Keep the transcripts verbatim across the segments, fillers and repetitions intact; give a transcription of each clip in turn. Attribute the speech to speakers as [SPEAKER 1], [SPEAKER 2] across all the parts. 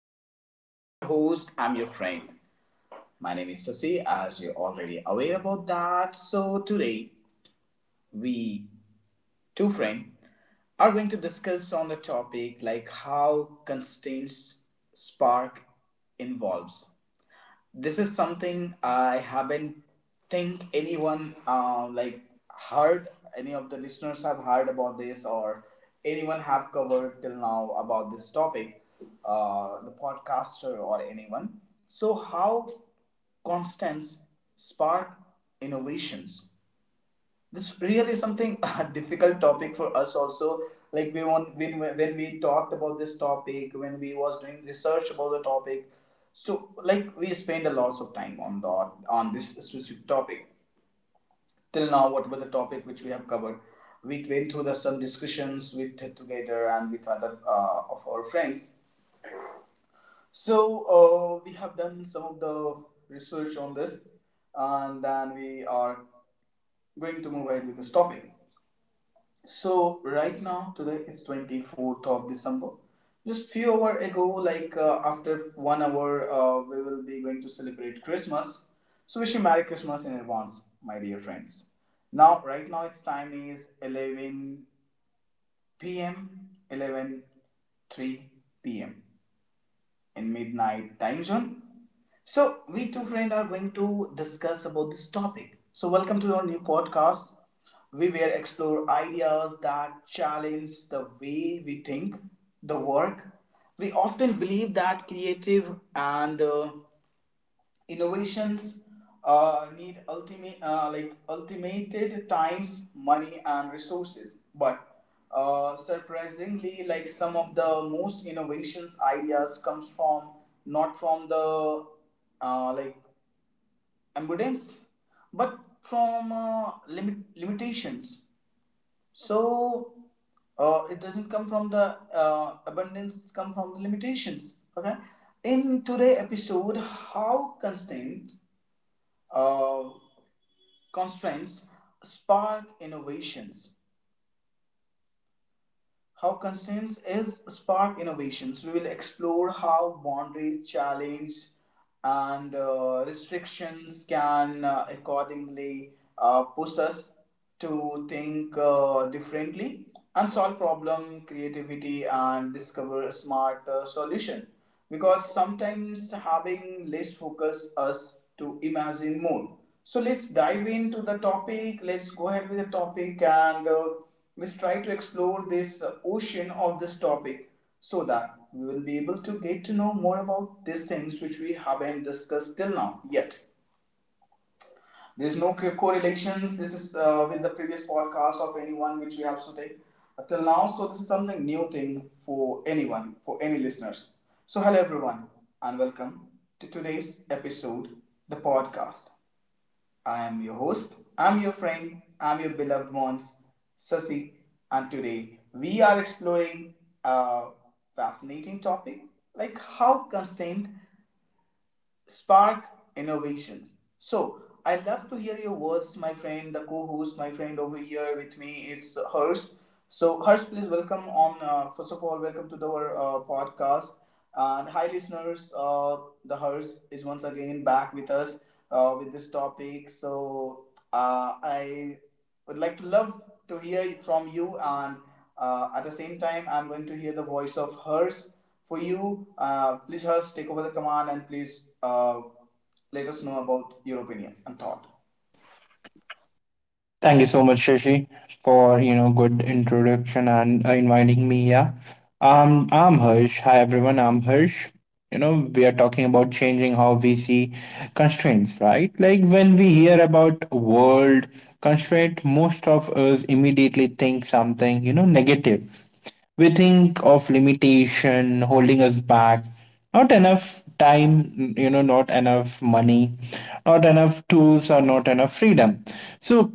[SPEAKER 1] listeners. I'm your host. I'm your friend. My name is Sasi, as you're already aware about that. So today, we two friends are going to discuss on the topic like how constraints spark involves. This is something I haven't think anyone uh, like heard, any of the listeners have heard about this, or anyone have covered till now about this topic, uh, the podcaster or anyone. So how constants spark innovations. This really is something a difficult topic for us also, like we want when, when we talked about this topic, when we was doing research about the topic. So like we spent a lot of time on the on this specific topic. Till now whatever the topic which we have covered, we went through the, some discussions with together and with other uh, of our friends. So uh, we have done some of the research on this, and then we are going to move ahead with this topic. So right now today is twenty-fourth of December. Just few hour ago, like uh, after one hour, uh, we will be going to celebrate Christmas. So wish you Merry Christmas in advance, my dear friends. Now, right now, its time is eleven p m eleven three p m in midnight time zone. So we two friends are going to discuss about this topic. So welcome to our new podcast. We will explore ideas that challenge the way we think, the work. We often believe that creative and uh, innovations uh, need ultimate, uh, like ultimated times, money, and resources. But uh, surprisingly, like some of the most innovations ideas comes from, not from the, uh, like abundance, but from uh, limit limitations. So uh, it doesn't come from the uh, abundance, it's come from the limitations. Okay, in today episode, how constraints uh, constraints spark innovations. How constraints is spark innovations. We will explore how boundary challenge and uh, restrictions can uh, accordingly uh, push us to think uh, differently and solve problem creativity and discover a smart uh, solution, because sometimes having less focus us to imagine more. So let's dive into the topic, let's go ahead with the topic, and uh, let's try to explore this uh, ocean of this topic, so that we will be able to get to know more about these things which we haven't discussed till now yet. There's no correlations. This is uh, with the previous podcast of anyone which we have today uh, till now. So this is something new thing for anyone, for any listeners. So hello everyone and welcome to today's episode, the podcast. I am your host, I'm your friend, I'm your beloved ones, Sasi, and today we are exploring a fascinating topic like how constant spark innovations. So I love to hear your words, my friend. The co-host, my friend over here with me is Hurst. So Hurst, please welcome on. Uh, first of all, welcome to the, our uh, podcast. And hi, listeners. Uh, the Hurst is once again back with us uh, with this topic. So uh, I would like to love to hear from you, and uh, at the same time, I'm going to hear the voice of Hurst for you. Uh, please, Hurst, take over the command and please uh, let us know about your opinion and thought.
[SPEAKER 2] Thank you so much, Shashi, for you know good introduction and uh, inviting me here. um, I'm Harsh. Hi everyone, I'm Harsh. You know, we are talking about changing how we see constraints, right? Like when we hear about world constraint, most of us immediately think something you know negative. We think of limitation holding us back, not enough time, you know not enough money, not enough tools, or not enough freedom. So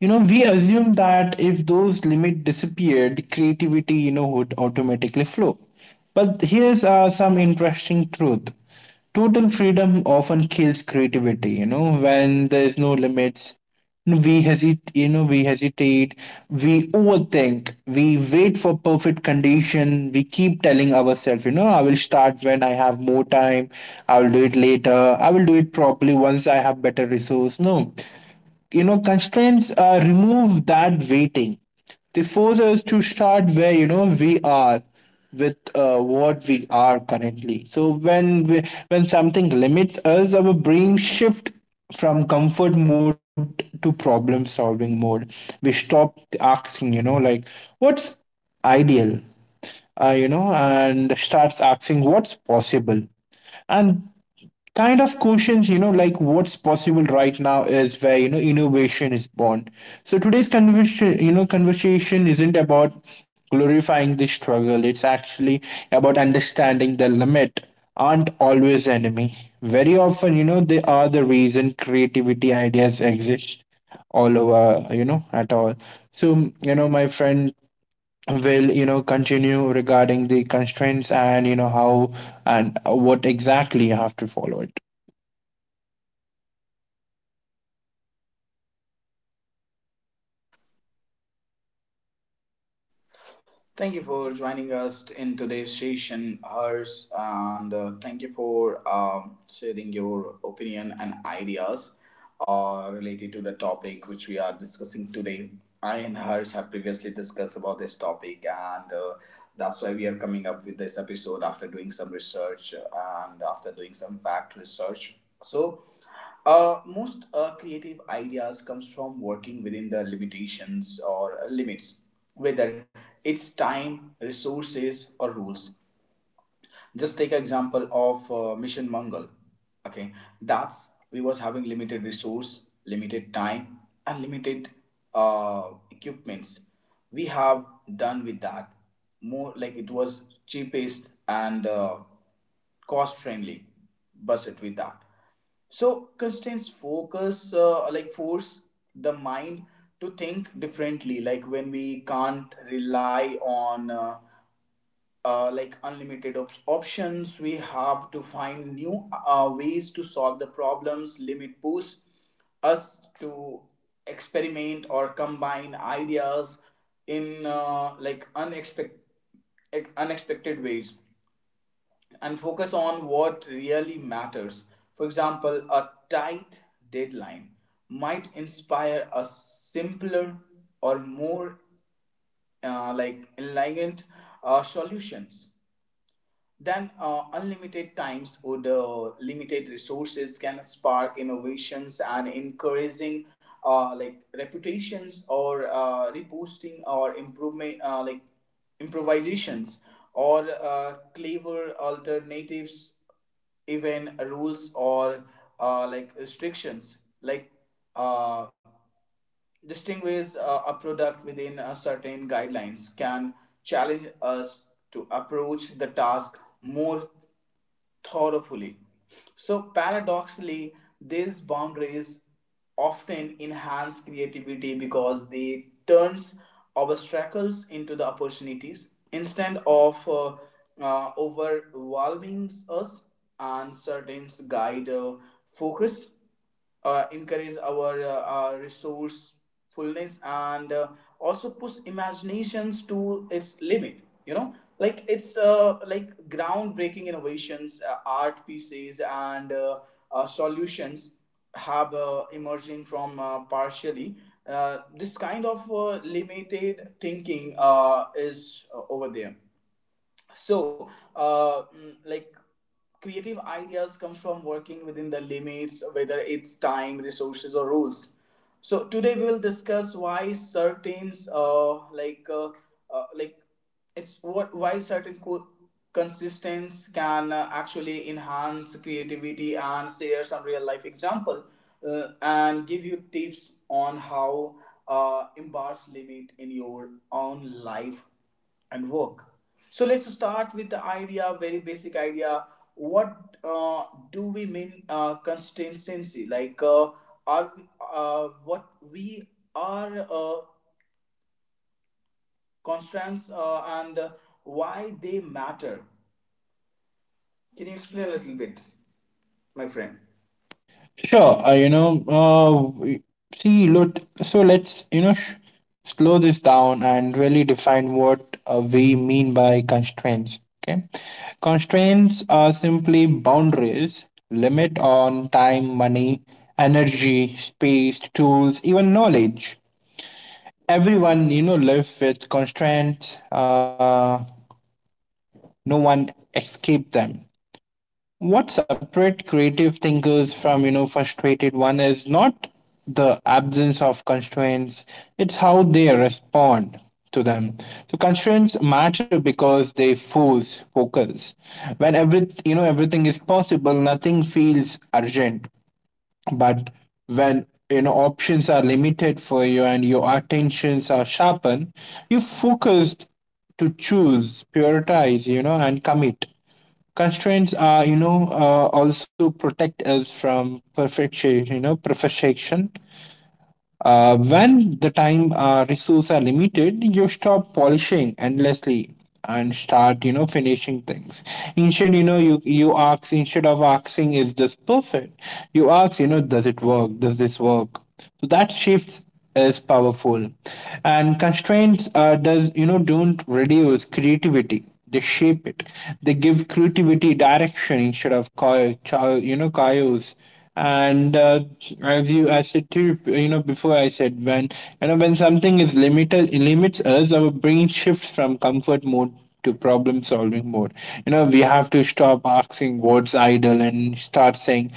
[SPEAKER 2] you know, we assume that if those limits disappeared, creativity, you know, would automatically flow. But here's uh, some interesting truth. Total freedom often kills creativity, you know, when there's no limits. We hesitate, you know, we hesitate, we overthink, we wait for perfect condition. We keep telling ourselves, you know, I will start when I have more time, I will do it later, I will do it properly once I have better resource. No, you know constraints uh, remove that waiting. They force us to start where you know we are, with uh, what we are currently. So when we, when something limits us, our brain shift from comfort mode to problem solving mode. We stop asking, you know like, what's ideal, uh, you know, and starts asking what's possible. And kind of questions, you know, like what's possible right now is where, you know, innovation is born. So today's conversation, you know, conversation isn't about glorifying the struggle. It's actually about understanding the limit aren't always enemy. Very often, you know, they are the reason creativity ideas exist all over, you know at all. So you know, my friend will, you know, continue regarding the constraints, and you know how and what exactly you have to follow it.
[SPEAKER 1] Thank you for joining us in today's session, Hers, and uh, thank you for um, sharing your opinion and ideas uh, related to the topic which we are discussing today. I and Hers have previously discussed about this topic, and uh, that's why we are coming up with this episode after doing some research and after doing some fact research. So Uh, most uh, creative ideas comes from working within the limitations or uh, limits, whether it's time, resources, or rules. Just take an example of uh, mission Mangal. Okay, that's we was having limited resource, limited time, and limited uh, equipments. We have done with that more like it was cheapest and uh, cost friendly budget with that. So constraints focus uh, like force the mind to think differently. Like when we can't rely on uh, uh, like unlimited op- options, we have to find new uh, ways to solve the problems. Limit push us to experiment or combine ideas in uh, like unexpected unexpected ways, and focus on what really matters. For example, a tight deadline might inspire a simpler or more uh, like elegant uh, solutions then, uh, unlimited times would. Uh, limited resources can spark innovations and encouraging uh, like reputations or uh, reposting or improvement uh, like improvisations or uh, clever alternatives. Even rules or uh, like restrictions, like uh, distinguish uh, a product within a certain guidelines, can challenge us to approach the task more thoroughly. So, paradoxically, these boundaries often enhance creativity because they turns obstacles into the opportunities, instead of uh, uh, overwhelming us. And certain guide uh, focus uh, encourage our, uh, our resourcefulness and uh, also push imaginations to its limit, you know, like it's uh, like groundbreaking innovations, uh, art pieces, and uh, uh, solutions have uh, emerging from uh, partially uh, this kind of uh, limited thinking uh, is uh, over there. So uh, mm, like creative ideas comes from working within the limits, whether it's time, resources, or rules. So today we will discuss why certain uh, like uh, uh, like it's what why certain co- consistence can uh, actually enhance creativity, and share some real life example uh, and give you tips on how uh, embrace limit in your own life and work. So let's start with the idea, very basic idea. What uh, do we mean uh, consistency? Like, uh, are uh, what we are uh, constants uh, and uh, why they matter? Can you explain a little bit, my friend?
[SPEAKER 2] Sure, uh, you know uh, we- see, look, so let's, you know, sh- slow this down and really define what uh, we mean by constraints. Okay, constraints are simply boundaries, limit on time, money, energy, space, tools, even knowledge. Everyone, you know, live with constraints. Uh, no one escaped them. What separate creative thinkers from, you know, frustrated one is not the absence of constraints, it's how they respond to them. So constraints matter because they force focus. When every you know everything is possible, nothing feels urgent. But when, you know, options are limited for you and your attentions are sharpened, you focused to choose, prioritize, you know, and commit. Constraints are, you know, uh, also protect us from perfection, you know, perfection. Uh, when the time, uh, resources are limited, you stop polishing endlessly and start, you know, finishing things. Instead, you know, you you ask instead of asking, is this perfect? You ask, you know, does it work? Does this work? So that shifts is powerful, and constraints uh, does you know don't reduce creativity. They shape it. They give creativity direction instead of chaos. You know, chaos And uh, as you as said to you, you know, before I said, when you know when something is limited limits us, our brain shifts from comfort mode to problem solving mode. You know, we have to stop asking what's idle and start saying,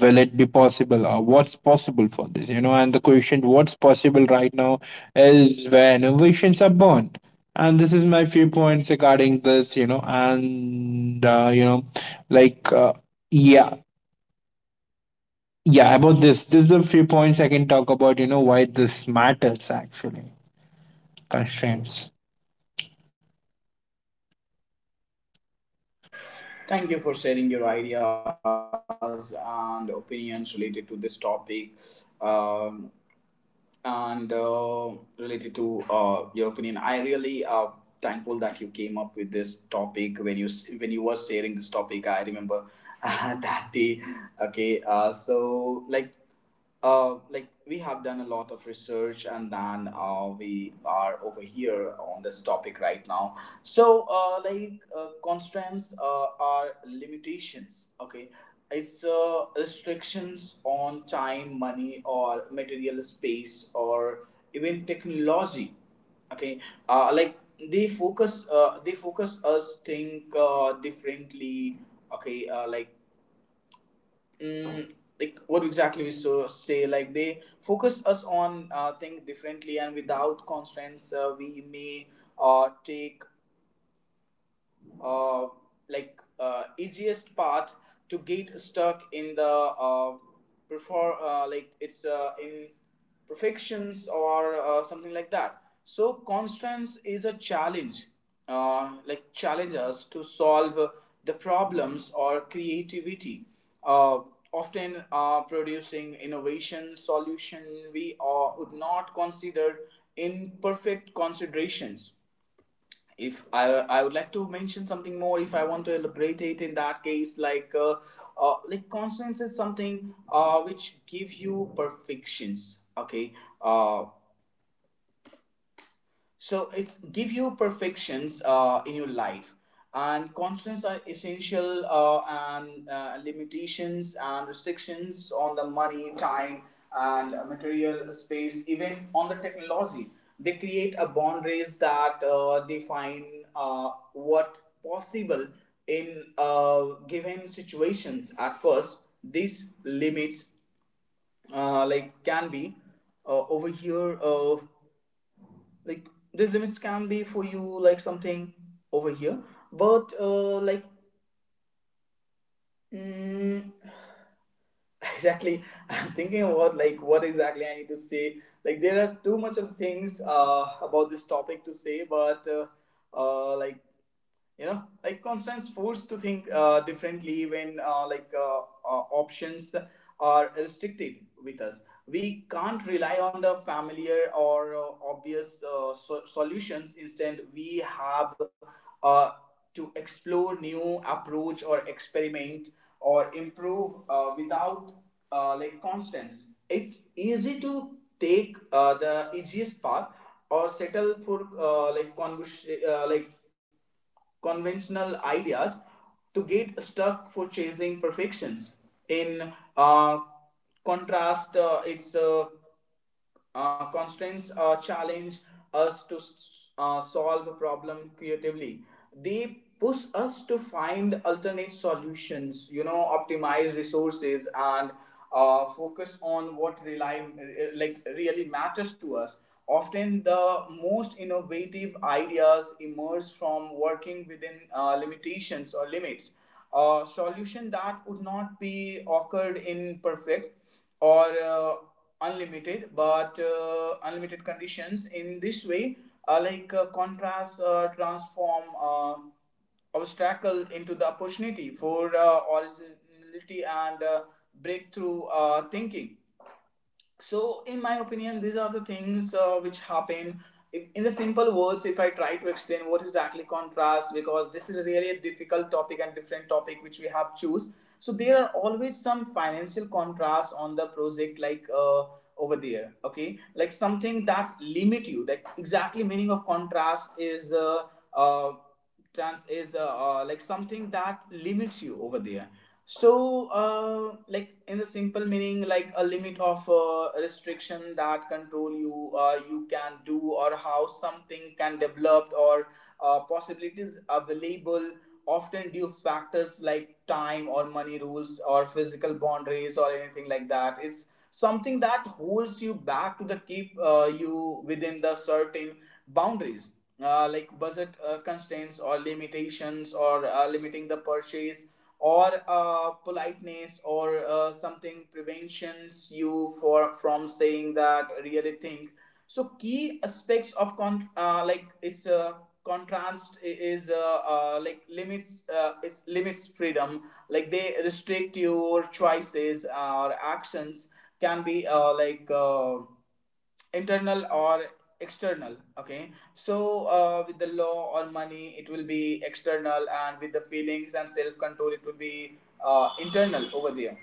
[SPEAKER 2] will it be possible or what's possible for this, you know. And the question, what's possible right now, is where innovations are born. And this is my few points regarding this, you know. And uh, you know like uh, yeah. yeah about this, there's a few points I can talk about, you know, why this matters. Actually, constraints,
[SPEAKER 1] Thank you for sharing your ideas and opinions related to this topic. Um, and uh, related to uh, your opinion, I really uh, thankful that you came up with this topic. When you s- when you were sharing this topic, I remember that day. Okay, uh, so like, uh, like we have done a lot of research, and then uh, we are over here on this topic right now. So uh, like uh, constraints uh, are limitations. Okay, it's uh, restrictions on time, money, or material space, or even technology. Okay, uh, like they focus, uh, they focus us think uh, differently. Okay, uh, like mm, like what exactly we so say? Like they focus us on uh, think differently, and without constraints, uh, we may uh, take uh, like uh, easiest part to get stuck in the uh, prefer uh, like it's uh, in perfections or uh, something like that. So constraints is a challenge, uh, like challenge us to solve the problems or creativity, uh, often uh, producing innovation solution we uh, would not consider in perfect considerations. If I I would like to mention something more, if I want to elaborate it, in that case, like uh, uh, like constants is something uh, which give you perfections. Okay, uh, so it's give you perfections uh, in your life, and constraints are essential, uh, and uh, limitations and restrictions on the money, time, and material space, even on the technology. They create a boundaries that uh, define uh, what possible in uh, given situations. At first, these limits uh, like can be uh, over here. Uh, like these limits can be for you like something over here, but uh like mm, exactly, I'm thinking about like what exactly I need to say. Like there are too much of things uh about this topic to say, but uh, uh like you know, like constance forced to think uh, differently when uh, like uh, uh, options are restricted with us. We can't rely on the familiar or uh, obvious uh, so- solutions. Instead we have uh, to explore new approach or experiment or improve. Uh, without uh, like constance, it's easy to take uh, the easiest path or settle for uh, like convers- uh, like conventional ideas, to get stuck for chasing perfections. In uh, contrast, uh, it's uh, uh, constraints uh, challenge us to s- uh, solve a problem creatively. They push us to find alternate solutions, you know, optimize resources, and uh, focus on what rely, uh, like really matters to us. Often, the most innovative ideas emerge from working within uh, limitations or limits. A solution that would not be occurred in perfect or uh, unlimited but uh, unlimited conditions in this way uh, like uh, contrast uh, transform uh, obstacle into the opportunity for uh, originality and uh, breakthrough uh, thinking. So in my opinion these are the things uh, which happen. If, in the simple words, if I try to explain what exactly contrast, because this is really a difficult topic and different topic which we have choose. So there are always some financial contrasts on the project, like uh, over there, okay, like something that limit you, that exactly meaning of contrast is uh, uh, trans is uh, uh, like something that limits you over there. So, uh, like in the simple meaning, like a limit of uh, restriction that control you, uh, you can do or how something can develop or uh, possibilities available. Often due factors like time or money, rules or physical boundaries or anything like that, is something that holds you back, to the keep uh, you within the certain boundaries. Uh, like budget uh, constraints or limitations, or uh, limiting the purchase, or uh, politeness, or uh, something prevents you for from saying that really thing. So, key aspects of con uh, like it's uh, contrast is uh, uh, like limits, uh, it's limits freedom, like they restrict your choices or actions. Can be uh, like uh, internal or external. Okay, so uh, with the law or money it will be external, and with the feelings and self control it will be uh, internal over there.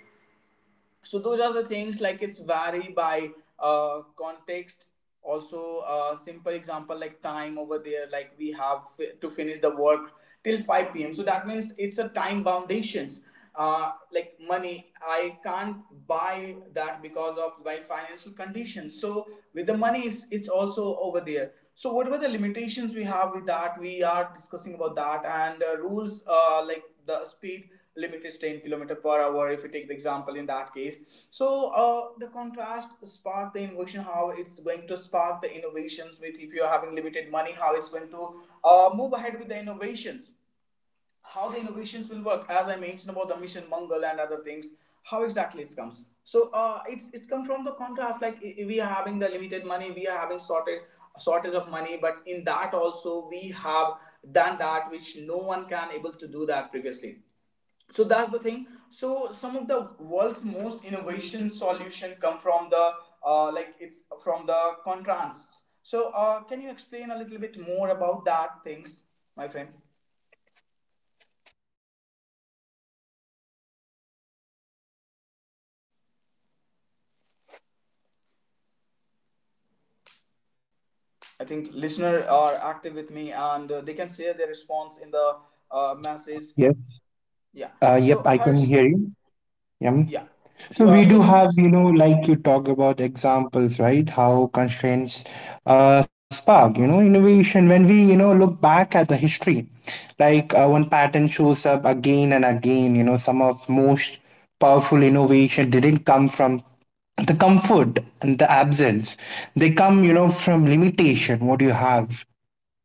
[SPEAKER 1] So those are the things, like it's vary by uh, context. Also a simple example, like time over there, like we have fi- to finish the work till five p m so that means it's a time foundations. Uh, like money, I can't buy that because of my financial condition. So with the money it's, it's also over there. So what were the limitations we have with that, we are discussing about that, and uh, rules, uh, like the speed limit is ten kilometer per hour if you take the example in that case. So uh, the contrast spark the innovation. How it's going to spark the innovations with, if you're having limited money, how it's going to uh, move ahead with the innovations, how the innovations will work, as I mentioned about the mission Mangal and other things. How exactly it comes? So uh, it's it's come from the contrast. Like we are having the limited money, we are having sorted shortage of money, but in that also we have done that which no one can able to do that previously. So that's the thing. So some of the world's most innovation solution come from the uh, like, it's from the contrast. So uh, can you explain a little bit more about that things, my friend? I think listeners are active with me and uh, they can share their response in the uh, message.
[SPEAKER 2] yes.
[SPEAKER 1] Yeah.
[SPEAKER 2] uh yep
[SPEAKER 1] So
[SPEAKER 2] I can
[SPEAKER 1] Harsh,
[SPEAKER 2] hear you. Yeah.
[SPEAKER 1] yeah, you
[SPEAKER 2] So
[SPEAKER 1] are
[SPEAKER 2] we
[SPEAKER 1] audible
[SPEAKER 2] do
[SPEAKER 1] to me, Harsh.
[SPEAKER 2] have, you know, like you talk about examples, right? How constraints uh, spark, you know, innovation. When we, you know, look back at the history, like uh, one pattern shows up again and again. You know, some of most powerful innovation didn't come from the comfort and the absence. They come, you know, from limitation. What you have,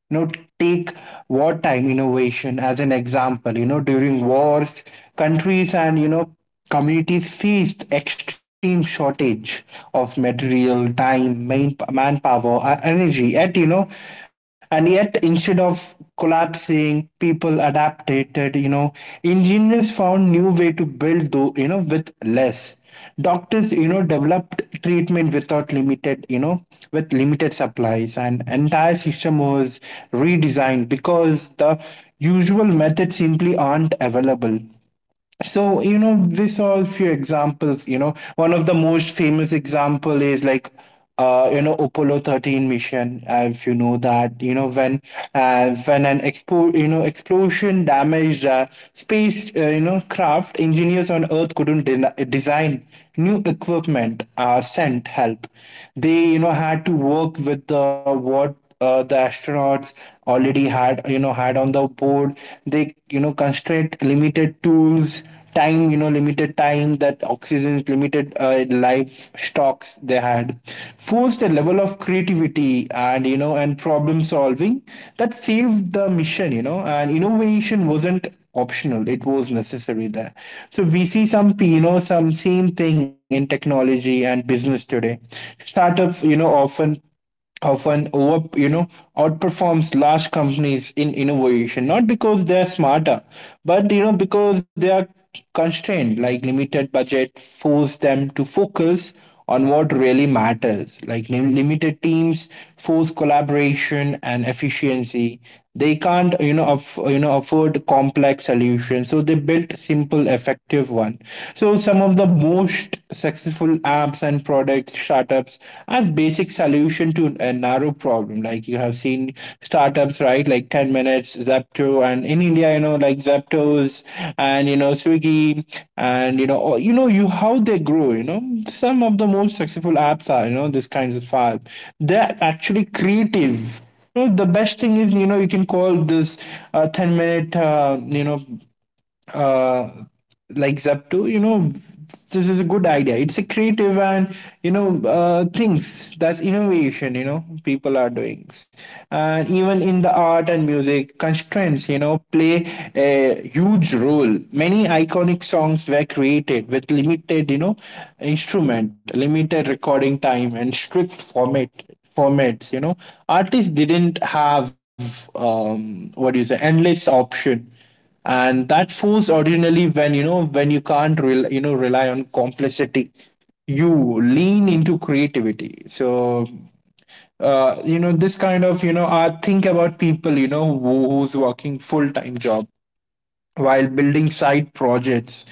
[SPEAKER 2] you know, take wartime innovation as an example. You know, during wars, countries and, you know, communities faced extreme shortage of material, time main, manpower, uh, energy. Yet you know and Yet, instead of collapsing, people people adapted, you know. Engineers found new way to build though, you know, with less. Doctors, you know, developed treatment without limited you know with limited supplies, and entire system was redesigned because the usual methods simply aren't available. So you know, we saw a few examples. You know, one of the most famous example is like, uh, you know, Apollo thirteen mission. Uh, if you know that, you know, when uh, when an expo- you know, explosion damaged uh, space, uh, you know, craft. Engineers on earth couldn't de- design new equipment or sent help. They, you know, had to work with the what, uh, the astronauts already had, you know had on the board. They, you know, constraint limited tools, time you know limited time that oxygen limited, uh, life stocks they had, forced a level of creativity and, you know, and problem solving that saved the mission, you know. And innovation wasn't optional, it was necessary there. So we see some, you know, some same thing in technology and business today. Startups, you know, often often over, you know, outperforms large companies in innovation, not because they're smarter, but, you know, because they are constrained. Like limited budget force them to focus on what really matters. Like lim- limited teams force collaboration and efficiency. They can't, you know, aff- you know afford complex solutions, so they built simple effective one. So some of the most successful apps and product startups as basic solution to a narrow problem, like you have seen startups, right? Like ten minutes Zepto, and in India, you know, like Zeptos, and you know, Swiggy, and you know all- you know, you how they grow, you know. Some of the most successful apps are, you know, this kinds of app. They're actually creative. No, the best thing is, you know, you can call this uh, ten minute, uh, you know uh, like Zepto, you know. This is a good idea. It's a creative, and you know, uh, things that's innovation. You know, people are doing. And even in the art and music, constraints, you know, play a huge role. Many iconic songs were created with limited, you know, instrument, limited recording time, and strict format formats, you know. Artists didn't have, um what do you say, endless option, and that force ordinarily when, you know, when you can't rel- you know rely on complexity, you lean into creativity. So uh, you know, this kind of, you know, I think about people, you know, who, who's working full-time job while building side projects.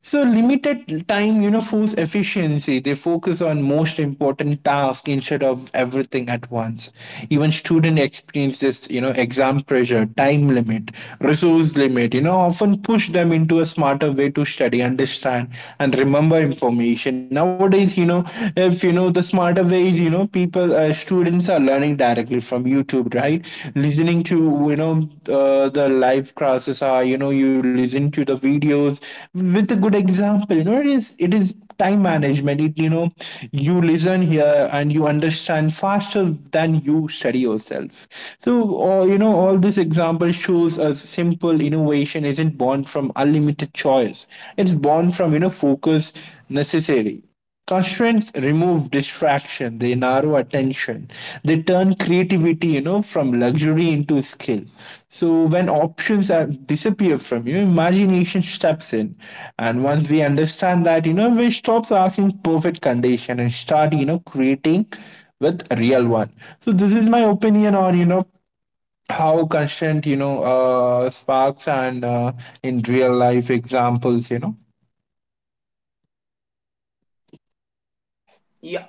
[SPEAKER 2] So limited time, you know, force efficiency. They focus on most important task instead of everything at once. Even student experiences, you know, exam pressure, time limit, resource limit, you know, often push them into a smarter way to study, understand, and remember information. Nowadays, you know, if you know the smarter ways, you know, people, uh, students students are learning directly from YouTube, right? Listening to, you know, uh, the live classes are, you know, you listen to the videos with a good example. You know, it is it is time management. It, you know, you listen here and you understand faster than you study yourself. So uh, you know, all this example shows us simple innovation isn't born from unlimited choice. It's born from, you know, focus necessary. Constraints remove distraction, they narrow attention, they turn creativity, you know, from luxury into skill. So when options are, disappear from you, imagination steps in. And once we understand that, you know, we stops asking perfect condition and start, you know, creating with real one. So this is my opinion on, you know, how constraint, you know, uh, sparks and, uh, in real life examples, you know.
[SPEAKER 1] Yeah.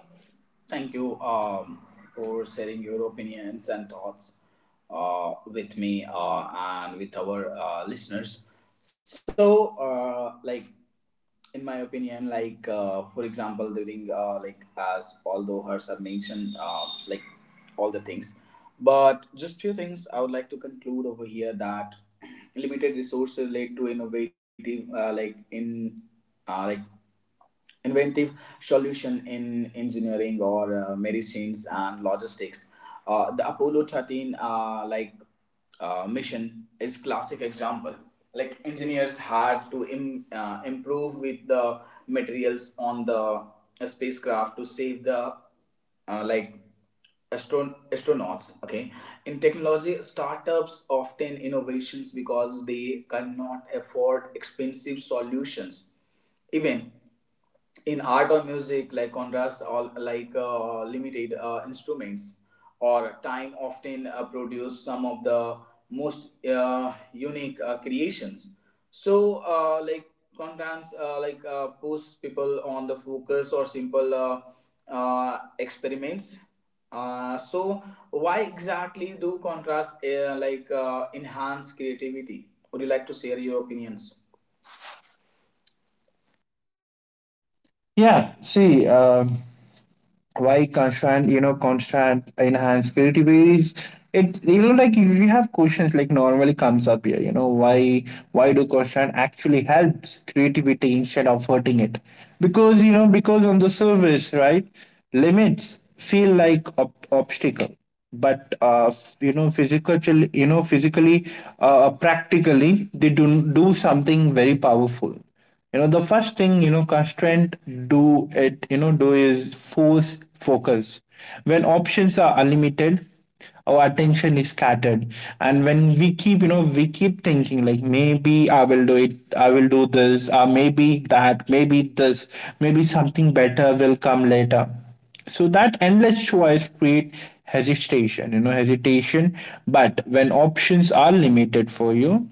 [SPEAKER 1] Thank you um, for sharing your opinions and thoughts uh, with me uh, and with our uh, listeners. So, uh, like in my opinion, like uh, for example, during uh, like, as although hers have mentioned uh, like all the things, but just few things I would like to conclude over here, that limited resources led to innovative, uh, like in uh, like inventive solution in engineering or uh, medicines and logistics. Uh, the Apollo thirteen uh, like uh, mission is classic example. Like engineers had to Im- uh, improve with the materials on the spacecraft to save the uh, like astron- astronauts, okay. In technology startups often innovations because they cannot afford expensive solutions. Even in art or music, like contrasts, or like uh, limited uh, instruments or time often uh, produce some of the most uh, unique uh, creations. So uh, like contrasts uh, like uh, push people on the focus or simple uh, uh, experiments. Uh, so, why exactly do contrasts uh, like uh, enhance creativity? Would you like to share your opinions?
[SPEAKER 2] Yeah, see, um why constant you know constant enhanced creativity is it, you know, like if you have questions like normally comes up here, you know, why why do constant actually helps creativity instead of hurting it? Because, you know, because on the surface, right, limits feel like ob- obstacle, but uh, f- you know, physically you know physically, uh, practically, they do do something very powerful, you know. The first thing, you know, constraint do it you know do is force focus. When options are unlimited, our attention is scattered, and when we keep, you know, we keep thinking like, maybe I will do it, I will do this, or maybe that, maybe this, maybe something better will come later. So that endless choice create hesitation you know hesitation. But when options are limited for you,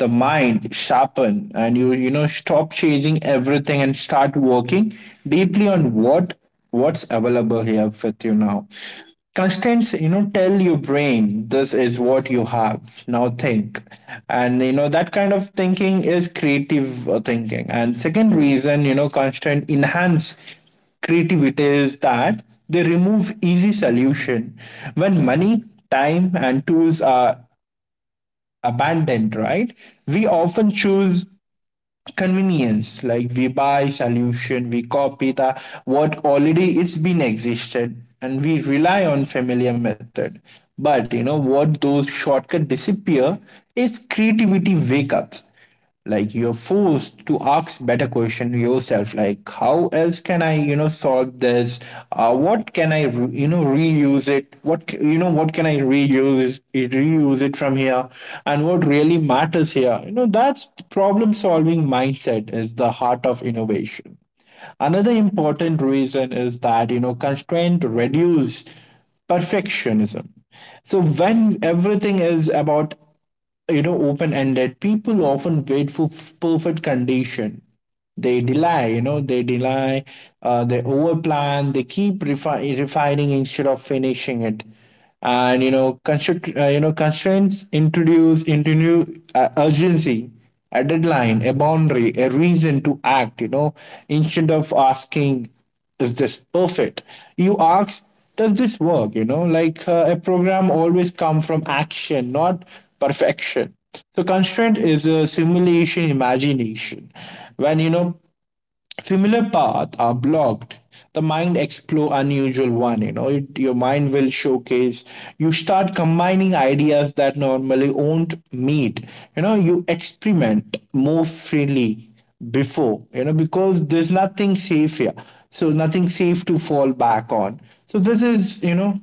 [SPEAKER 2] the mind sharpen and you you know, stop chasing everything and start working deeply on what what's available here with you now. Constraints, you know, tell your brain, this is what you have now, think. And you know, that kind of thinking is creative, uh, thinking. And second reason, you know, constraint enhance creativity is that they remove easy solution. When money, time and tools are abandoned, right? We often choose convenience, like we buy solution, we copy the what already it's been existed, and we rely on familiar method. But you know what, those shortcut disappear, is creativity wake ups. Like you're forced to ask better question yourself, like how else can I, you know, solve this? Uh, what can I, you know, reuse it? What, you know what can I reuse it reuse it from here? And what really matters here? You know, that's problem solving mindset is the heart of innovation. Another important reason is that, you know, constraint reduce perfectionism. So when everything is about, you know, open ended, people often wait for f- perfect condition. They delay you know they delay, uh, they overplan, they keep refi- refining instead of finishing it. And you know, constr uh, you know, constraints introduce introduce uh, urgency, a deadline, a boundary, a reason to act, you know. Instead of asking, is this perfect? You ask, does this work? You know, like uh, a program always come from action, not perfection. So constraint is a simulation imagination. When, you know, familiar paths are blocked, the mind explore unusual one. You know, it, your mind will showcase. You start combining ideas that normally won't meet. You know, you experiment more freely before. You know, because there's nothing safe here. So nothing safe to fall back on. So this is, you know,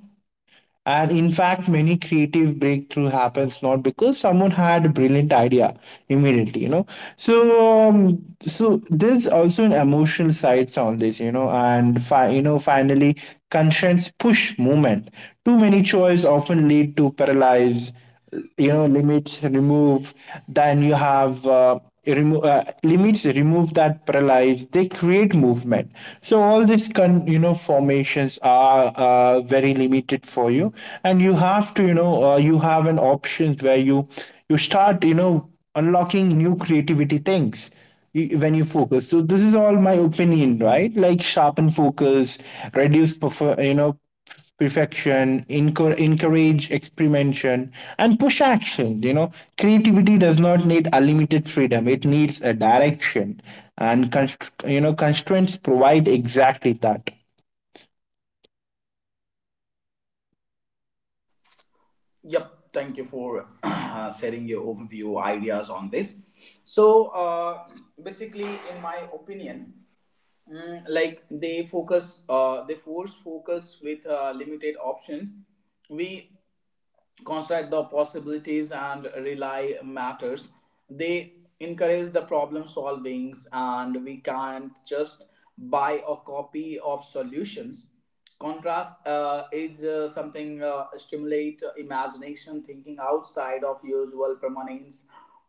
[SPEAKER 2] and in fact, many creative breakthrough happens not because someone had a brilliant idea immediately, you know. So, um, so there's also an emotional sides on this, you know, and fi- you know, finally, constraints push movement. Too many choice often lead to paralyze, you know. Limits remove then you have uh, remo- uh, Limits remove that paralyze, they create movement. So all these con- you know, formations are, uh, very limited for you, and you have to, you know, uh, you have an options where you you start, you know, unlocking new creativity things, y- when you focus. So this is all my opinion, right? Like sharpen focus, reduce perfor- you know perfection, encour- encourage experimentation, and push action, you know. Creativity does not need unlimited freedom, it needs a direction, and const- you know, constraints provide exactly that.
[SPEAKER 1] Yep, thank you for uh, sharing your overview ideas on this. So, uh, basically, in my opinion, Mm, like they focus, uh, they force focus with uh, limited options. We construct the possibilities and rely matters. They encourage the problem solvings, and we can't just buy a copy of solutions. Contrast uh, is uh, something uh, stimulate imagination, thinking outside of usual permanence.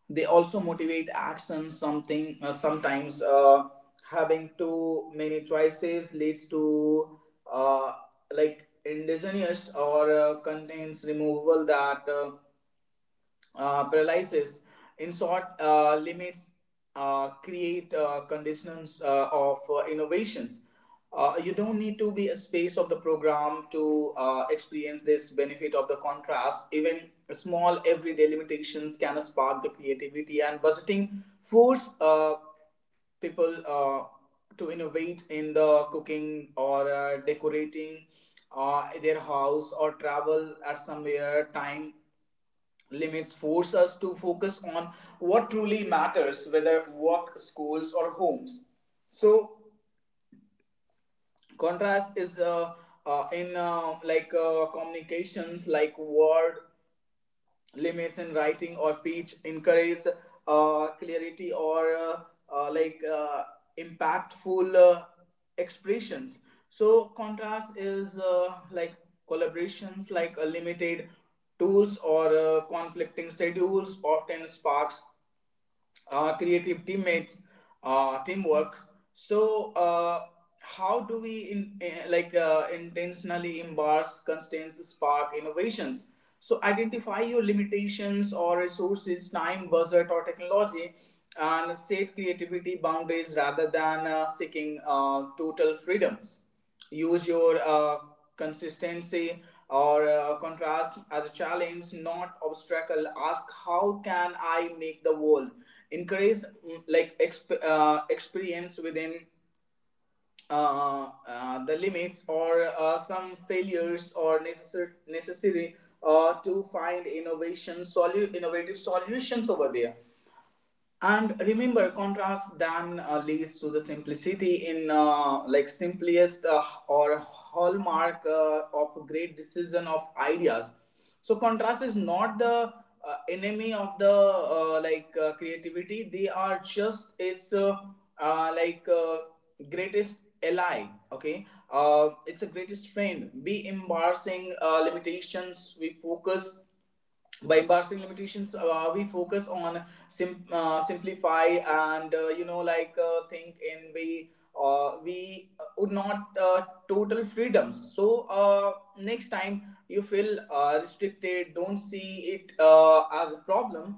[SPEAKER 1] They also motivate action. Something uh, sometimes, uh, having too many choices leads to uh, like indigenous, or uh, contains removal, that uh, uh, paralysis. In short, uh, limits uh, create uh, conditions uh, of uh, innovations. Uh, you don't need to be a space of the program to uh, experience this benefit of the contrast. Even small everyday limitations can spark the creativity, and budgeting force uh, people uh, to innovate in the cooking or uh, decorating uh, their house or travel at somewhere. Time limits force us to focus on what truly matters, whether work, schools, or homes. So, contrast is uh, uh, in uh, like uh, communications, like word limits in writing or speech, encourage uh, clarity or uh, uh, like uh, impactful uh, expressions. So, contrast is uh, like collaborations, like a limited tools or uh, conflicting schedules often sparks uh, creative teammates, uh, teamwork. So, uh, how do we in, eh, like uh, intentionally embrace constraints, spark innovations? So, identify your limitations or resources, time, budget, or technology, and set creativity boundaries rather than uh, seeking uh, total freedoms. Use your uh, consistency or uh, contrast as a challenge, not obstacle. Ask, how can I make the world increase mm, like exp- uh, experience within uh, uh, the limits, or uh, some failures, or necessary necessary uh, to find innovation solu- innovative solutions over there. And remember, contrast dan uh, leads to the simplicity in uh, like simplest uh, or hallmark uh, of great decision of ideas. So contrast is not the uh, enemy of the uh, like uh, creativity, they are just its uh, uh, like uh, greatest ally. Okay. Uh, it's a greatest friend. Be embarrassing uh, limitations we focus. By parsing limitations, uh, we focus on sim- uh, simplify, and uh, you know like uh, think in, we uh, we would not uh, total freedoms. So uh, next time you feel uh, restricted, don't see it uh, as a problem,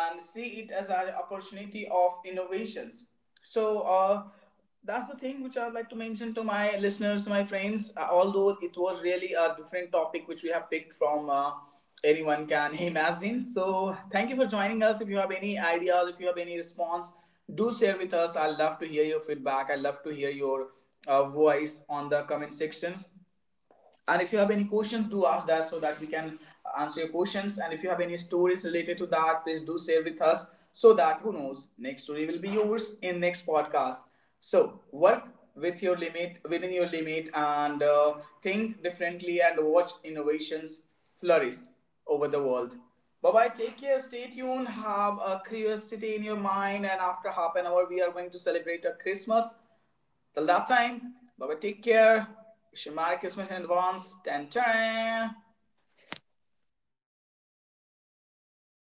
[SPEAKER 1] and see it as an opportunity of innovations. So uh, that's the thing which I'd like to mention to my listeners, my friends. Uh, although it was really a different topic which we have picked from, uh, anyone can imagine. So thank you for joining us. If you have any ideas, if you have any response, do share with us. I love to hear your feedback, I love to hear your uh, voice on the comment sections. And if you have any questions, do ask that, so that we can answer your questions. And if you have any stories related to that, please do share with us, so that, who knows, next story will be yours in next podcast. So work with your limit, within your limit, and uh, think differently and watch innovations flourish over the world. Bye bye, take care, stay tuned, have a curiosity in your mind, and after half an hour we are going to celebrate a Christmas. Till that time, bye bye, take care. Wish you Merry Christmas in advance. Tan tan.